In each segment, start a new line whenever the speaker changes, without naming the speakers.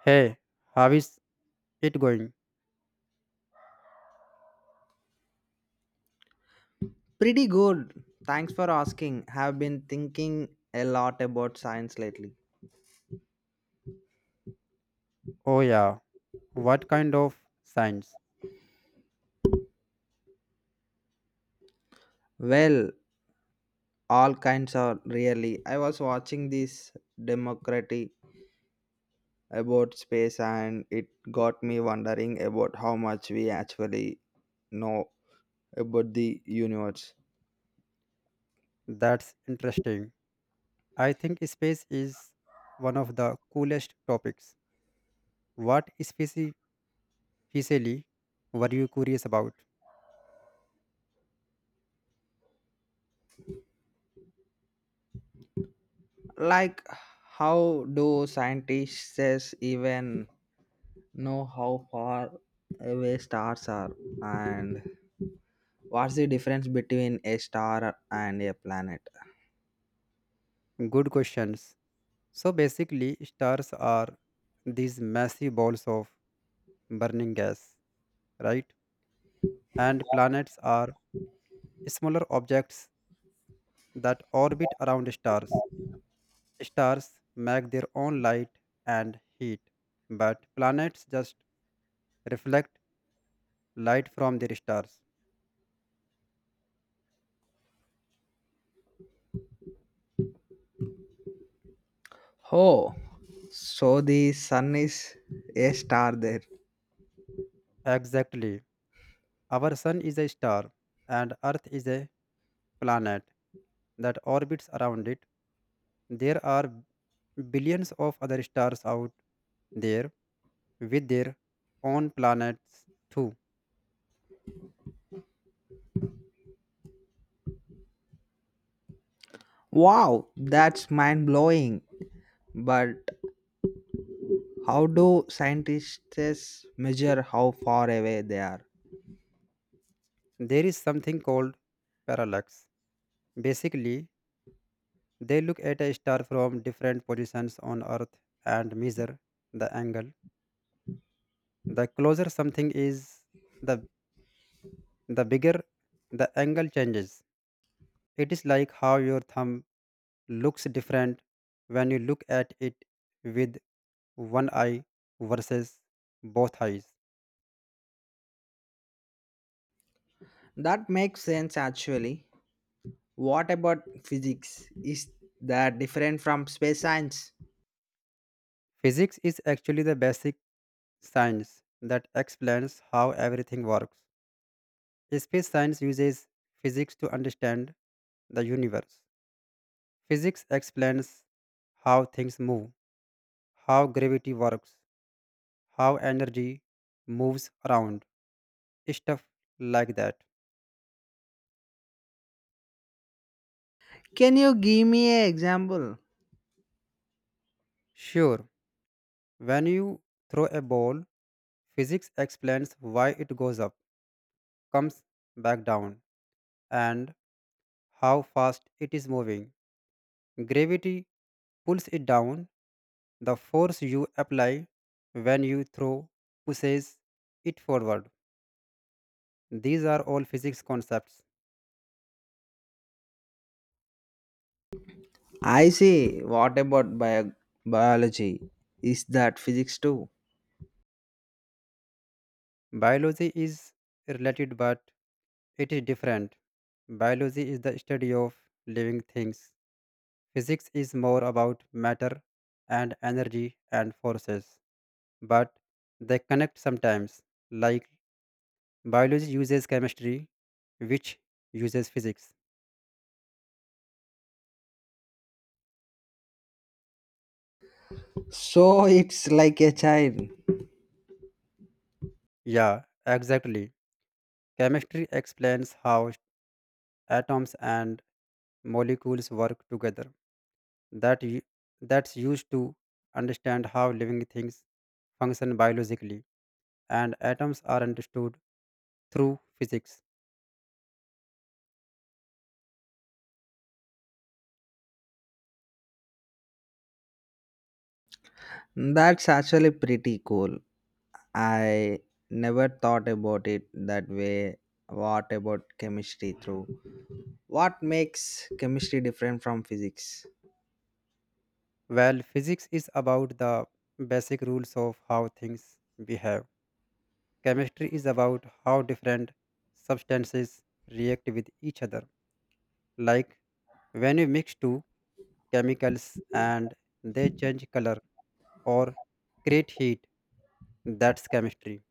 Hey, how is it going?
Pretty good. Thanks for asking. Have been thinking a lot about science lately.
Oh, yeah. What kind of science?
Well, all kinds are really. I was watching this democracy about space and it got me wondering about how much we actually know about the universe.
That's interesting. I think space is one of the coolest topics. What specifically were you curious about?
Like how do scientists even know how far away stars are and what's the difference between a star and a planet?
Good questions. So basically, stars are these massive balls of burning gas, right? And planets are smaller objects that orbit around stars. Stars make their own light and heat, but planets just reflect light from their stars.
Oh, so the sun is a star there.
Exactly. Our sun is a star and Earth is a planet that orbits around it. There are billions of other stars out there with their own planets too.
Wow, that's mind blowing. But how do scientists measure how far away they are?
There is something called parallax. Basically, they look at a star from different positions on Earth and measure the angle. The closer something is, the the bigger the angle changes. It is like how your thumb looks different when you look at it with one eye versus both eyes.
That makes sense actually. What about physics? Is that different from space science?
Physics is actually the basic science that explains how everything works. Space science uses physics to understand the universe. Physics explains how things move, how gravity works, how energy moves around, stuff like that.
Can you give me an example?
Sure, when you throw a ball, physics explains why it goes up, comes back down, and how fast it is moving. Gravity pulls it down. The force you apply when you throw pushes it forward. These are all physics concepts.
I see. What about biology? Is that physics too?
Biology is related, but it is different. Biology is the study of living things. Physics is more about matter and energy and forces, but they connect sometimes, like biology uses chemistry, which uses physics.
So it's like a child.
Yeah, exactly. Chemistry explains how atoms and molecules work together. That u- that's used to understand how living things function biologically, and atoms are understood through physics.
That's actually pretty cool. I never thought about it that way. What about chemistry through? What makes chemistry different from physics?
Well, physics is about the basic rules of how things behave. Chemistry is about how different substances react with each other. Like when you mix two chemicals and they change color or create heat, that's chemistry.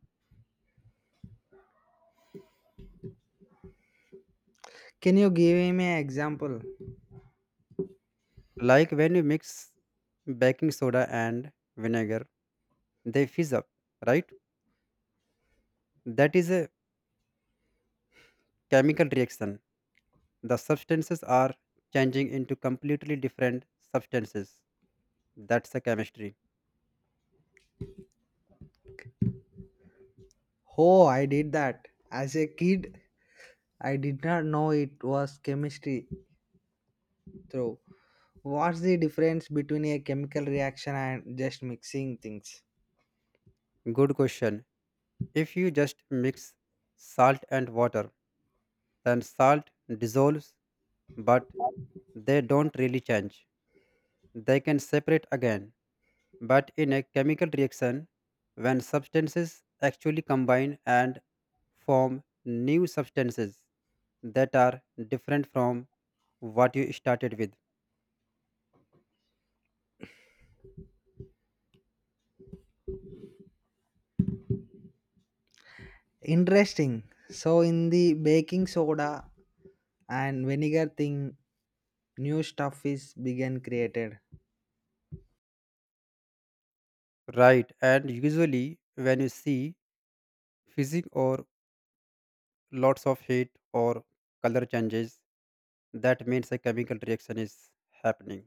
Can you give me an example?
Like when you mix baking soda and vinegar, they fizz up, right? That is a chemical reaction. The substances are changing into completely different substances. That's the chemistry.
Oh, I did that. As a kid, I did not know it was chemistry through. What's the difference between a chemical reaction and just mixing things?
Good question. If you just mix salt and water, then salt dissolves, but they don't really change. They can separate again. But in a chemical reaction, when substances actually combine and form new substances that are different from what you started with.
Interesting. So in the baking soda and vinegar thing new stuff is began created.
Right, and usually when you see physics or lots of heat or color changes, that means a chemical reaction is happening.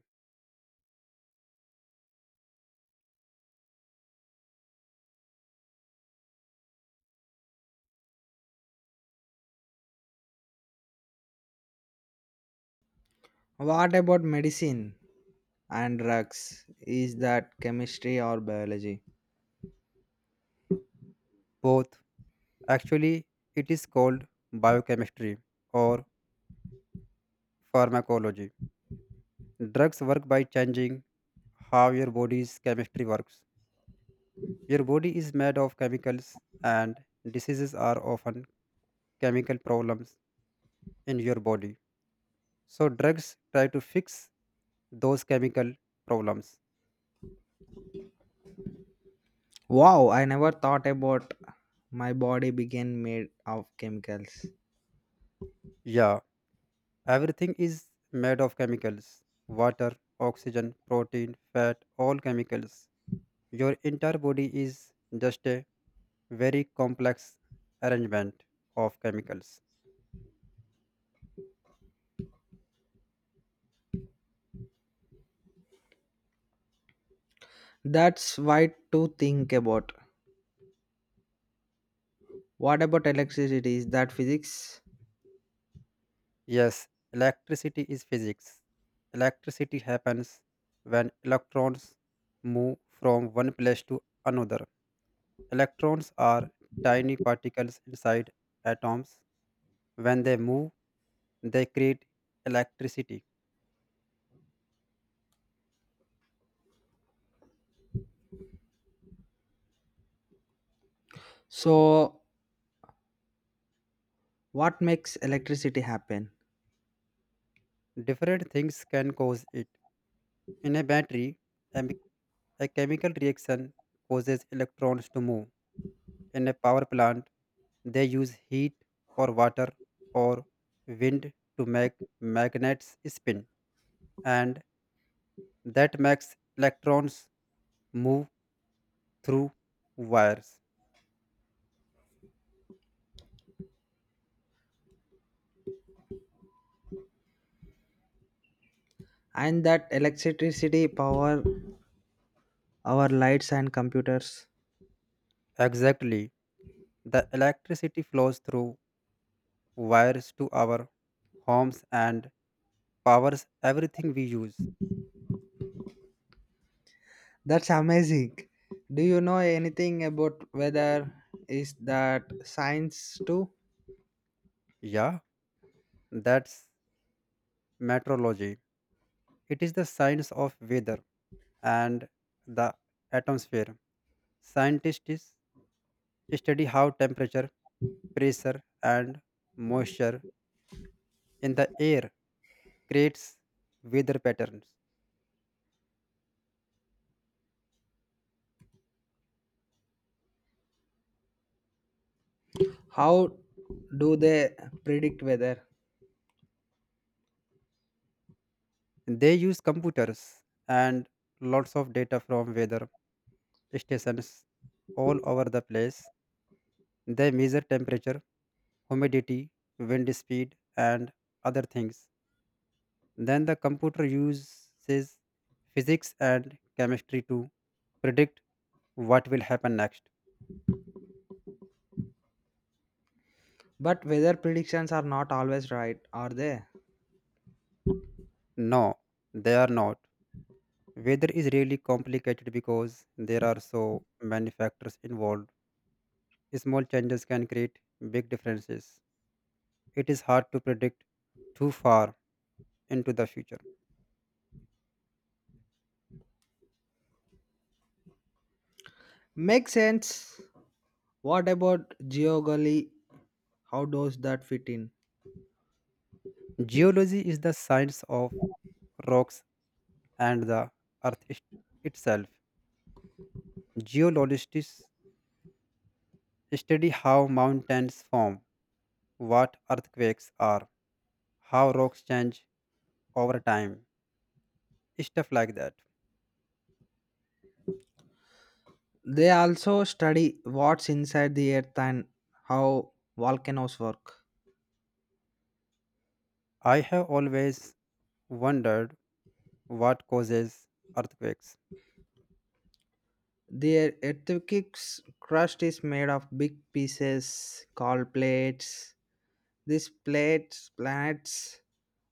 What about medicine and drugs, is that chemistry or biology?
Both actually, it is called biochemistry or pharmacology. Drugs work by changing how your body's chemistry works. Your body is made of chemicals, and diseases are often chemical problems in your body. So, drugs try to fix those chemical problems.
Wow, I never thought about my body began made of chemicals.
Yeah, everything is made of chemicals: water, oxygen, protein, fat, all chemicals. Your entire body is just a very complex arrangement of chemicals.
That's why to think about. What about electricity, is that physics?
Yes, electricity is physics. Electricity happens when electrons move from one place to another. Electrons are tiny particles inside atoms. When they move, they create electricity.
So what makes electricity happen?
Different things can cause it. In a battery, a, mi- a chemical reaction causes electrons to move. In a power plant, they use heat or water or wind to make magnets spin, and that makes electrons move through wires.
And that electricity power our lights and computers.
Exactly, the electricity flows through wires to our homes and powers everything we use.
That's amazing. Do you know anything about weather? Is that science too?
Yeah, that's meteorology. It is the science of weather and the atmosphere. Scientists study how temperature, pressure and moisture in the air creates weather patterns.
How do they predict weather?
They use computers and lots of data from weather stations all over the place. They measure temperature, humidity, wind speed, and other things. Then the computer uses physics and chemistry to predict what will happen next.
But weather predictions are not always right, are they?
No, they are not. Weather is really complicated because there are so many factors involved. Small changes can create big differences. It is hard to predict too far into the future.
Makes sense. What about geology? How does that fit in?
Geology is the science of rocks and the earth is- itself. Geologists study how mountains form, what earthquakes are, how rocks change over time, stuff like that.
They also study what's inside the earth and how volcanoes work.
I have always wondered what causes earthquakes.
The earthquake's crust is made of big pieces called plates. These plates planets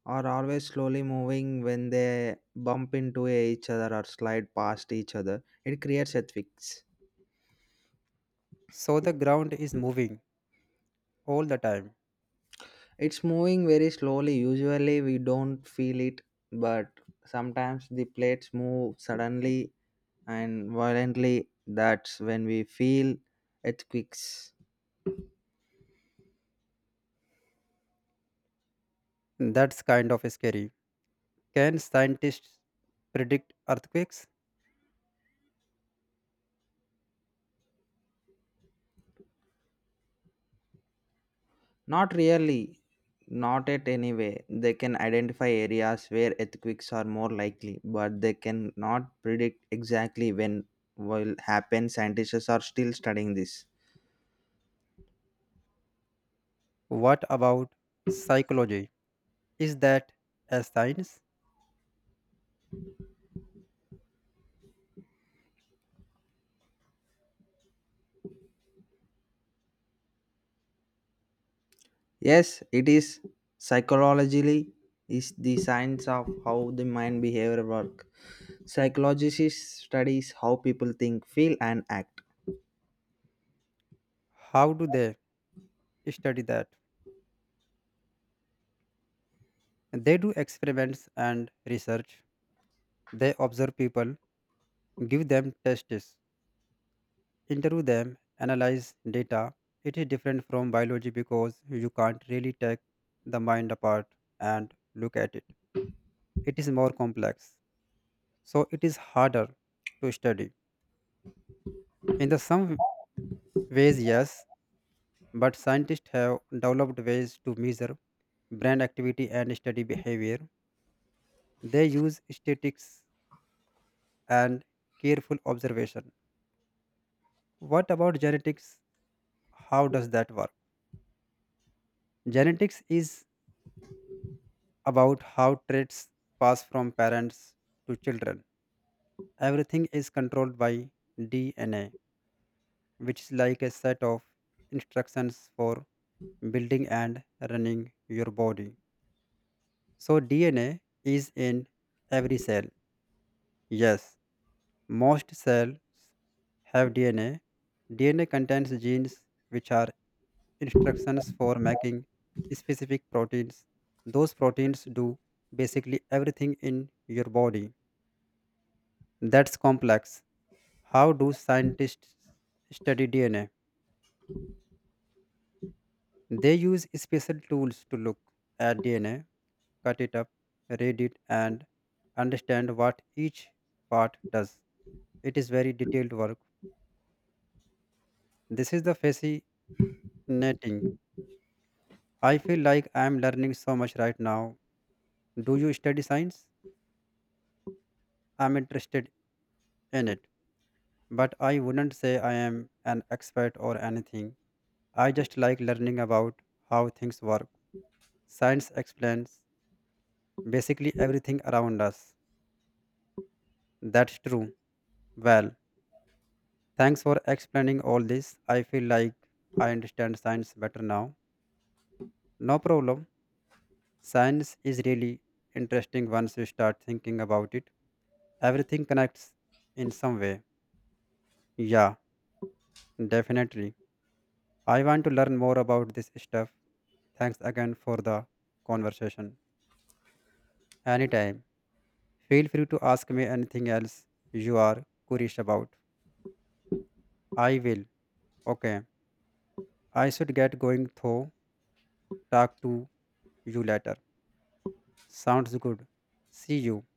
are always slowly moving when they bump into each other or slide past each other. It creates earthquakes.
So the ground is moving all the time.
It's moving very slowly. Usually we don't feel it, but sometimes the plates move suddenly and violently. That's when we feel earthquakes.
That's kind of scary. Can scientists predict earthquakes?
Not really, not at any way. They can identify areas where earthquakes are more likely, but they can not predict exactly when will happen. Scientists are still studying this.
What about psychology? Is that a science?
Yes, it is. Psychologically is the science of how the mind behavior work. Psychologists studies how people think, feel and act.
How do they study that? They do experiments and research. They observe people, give them tests, interview them, analyze data. It is different from biology because you can't really take the mind apart and look at it. It is more complex, so it is harder to study. In the some ways, yes, but scientists have developed ways to measure brain activity and study behavior. They use statistics and careful observation. What about genetics? How does that work? Genetics is about how traits pass from parents to children. Everything is controlled by DNA, which is like a set of instructions for building and running your body. So DNA is in every cell. Yes, most cells have DNA. DNA contains genes which are instructions for making specific proteins. Those proteins do basically everything in your body. That's complex. How do scientists study DNA? They use special tools to look at DNA, cut it up, read it, and understand what each part does. It is very detailed work. This is the fascinating. I feel like I am learning so much right now. Do you study science? I'm interested in it, but I wouldn't say I am an expert or anything. I just like learning about how things work. Science explains basically everything around us. That's true. Well, thanks for explaining all this. I feel like I understand science better now. No problem. Science is really interesting once you start thinking about it. Everything connects in some way. Yeah, definitely. I want to learn more about this stuff. Thanks again for the conversation. Anytime. Feel free to ask me anything else you are curious about. I will. Okay. I should get going though. Talk to you later. Sounds good. See you.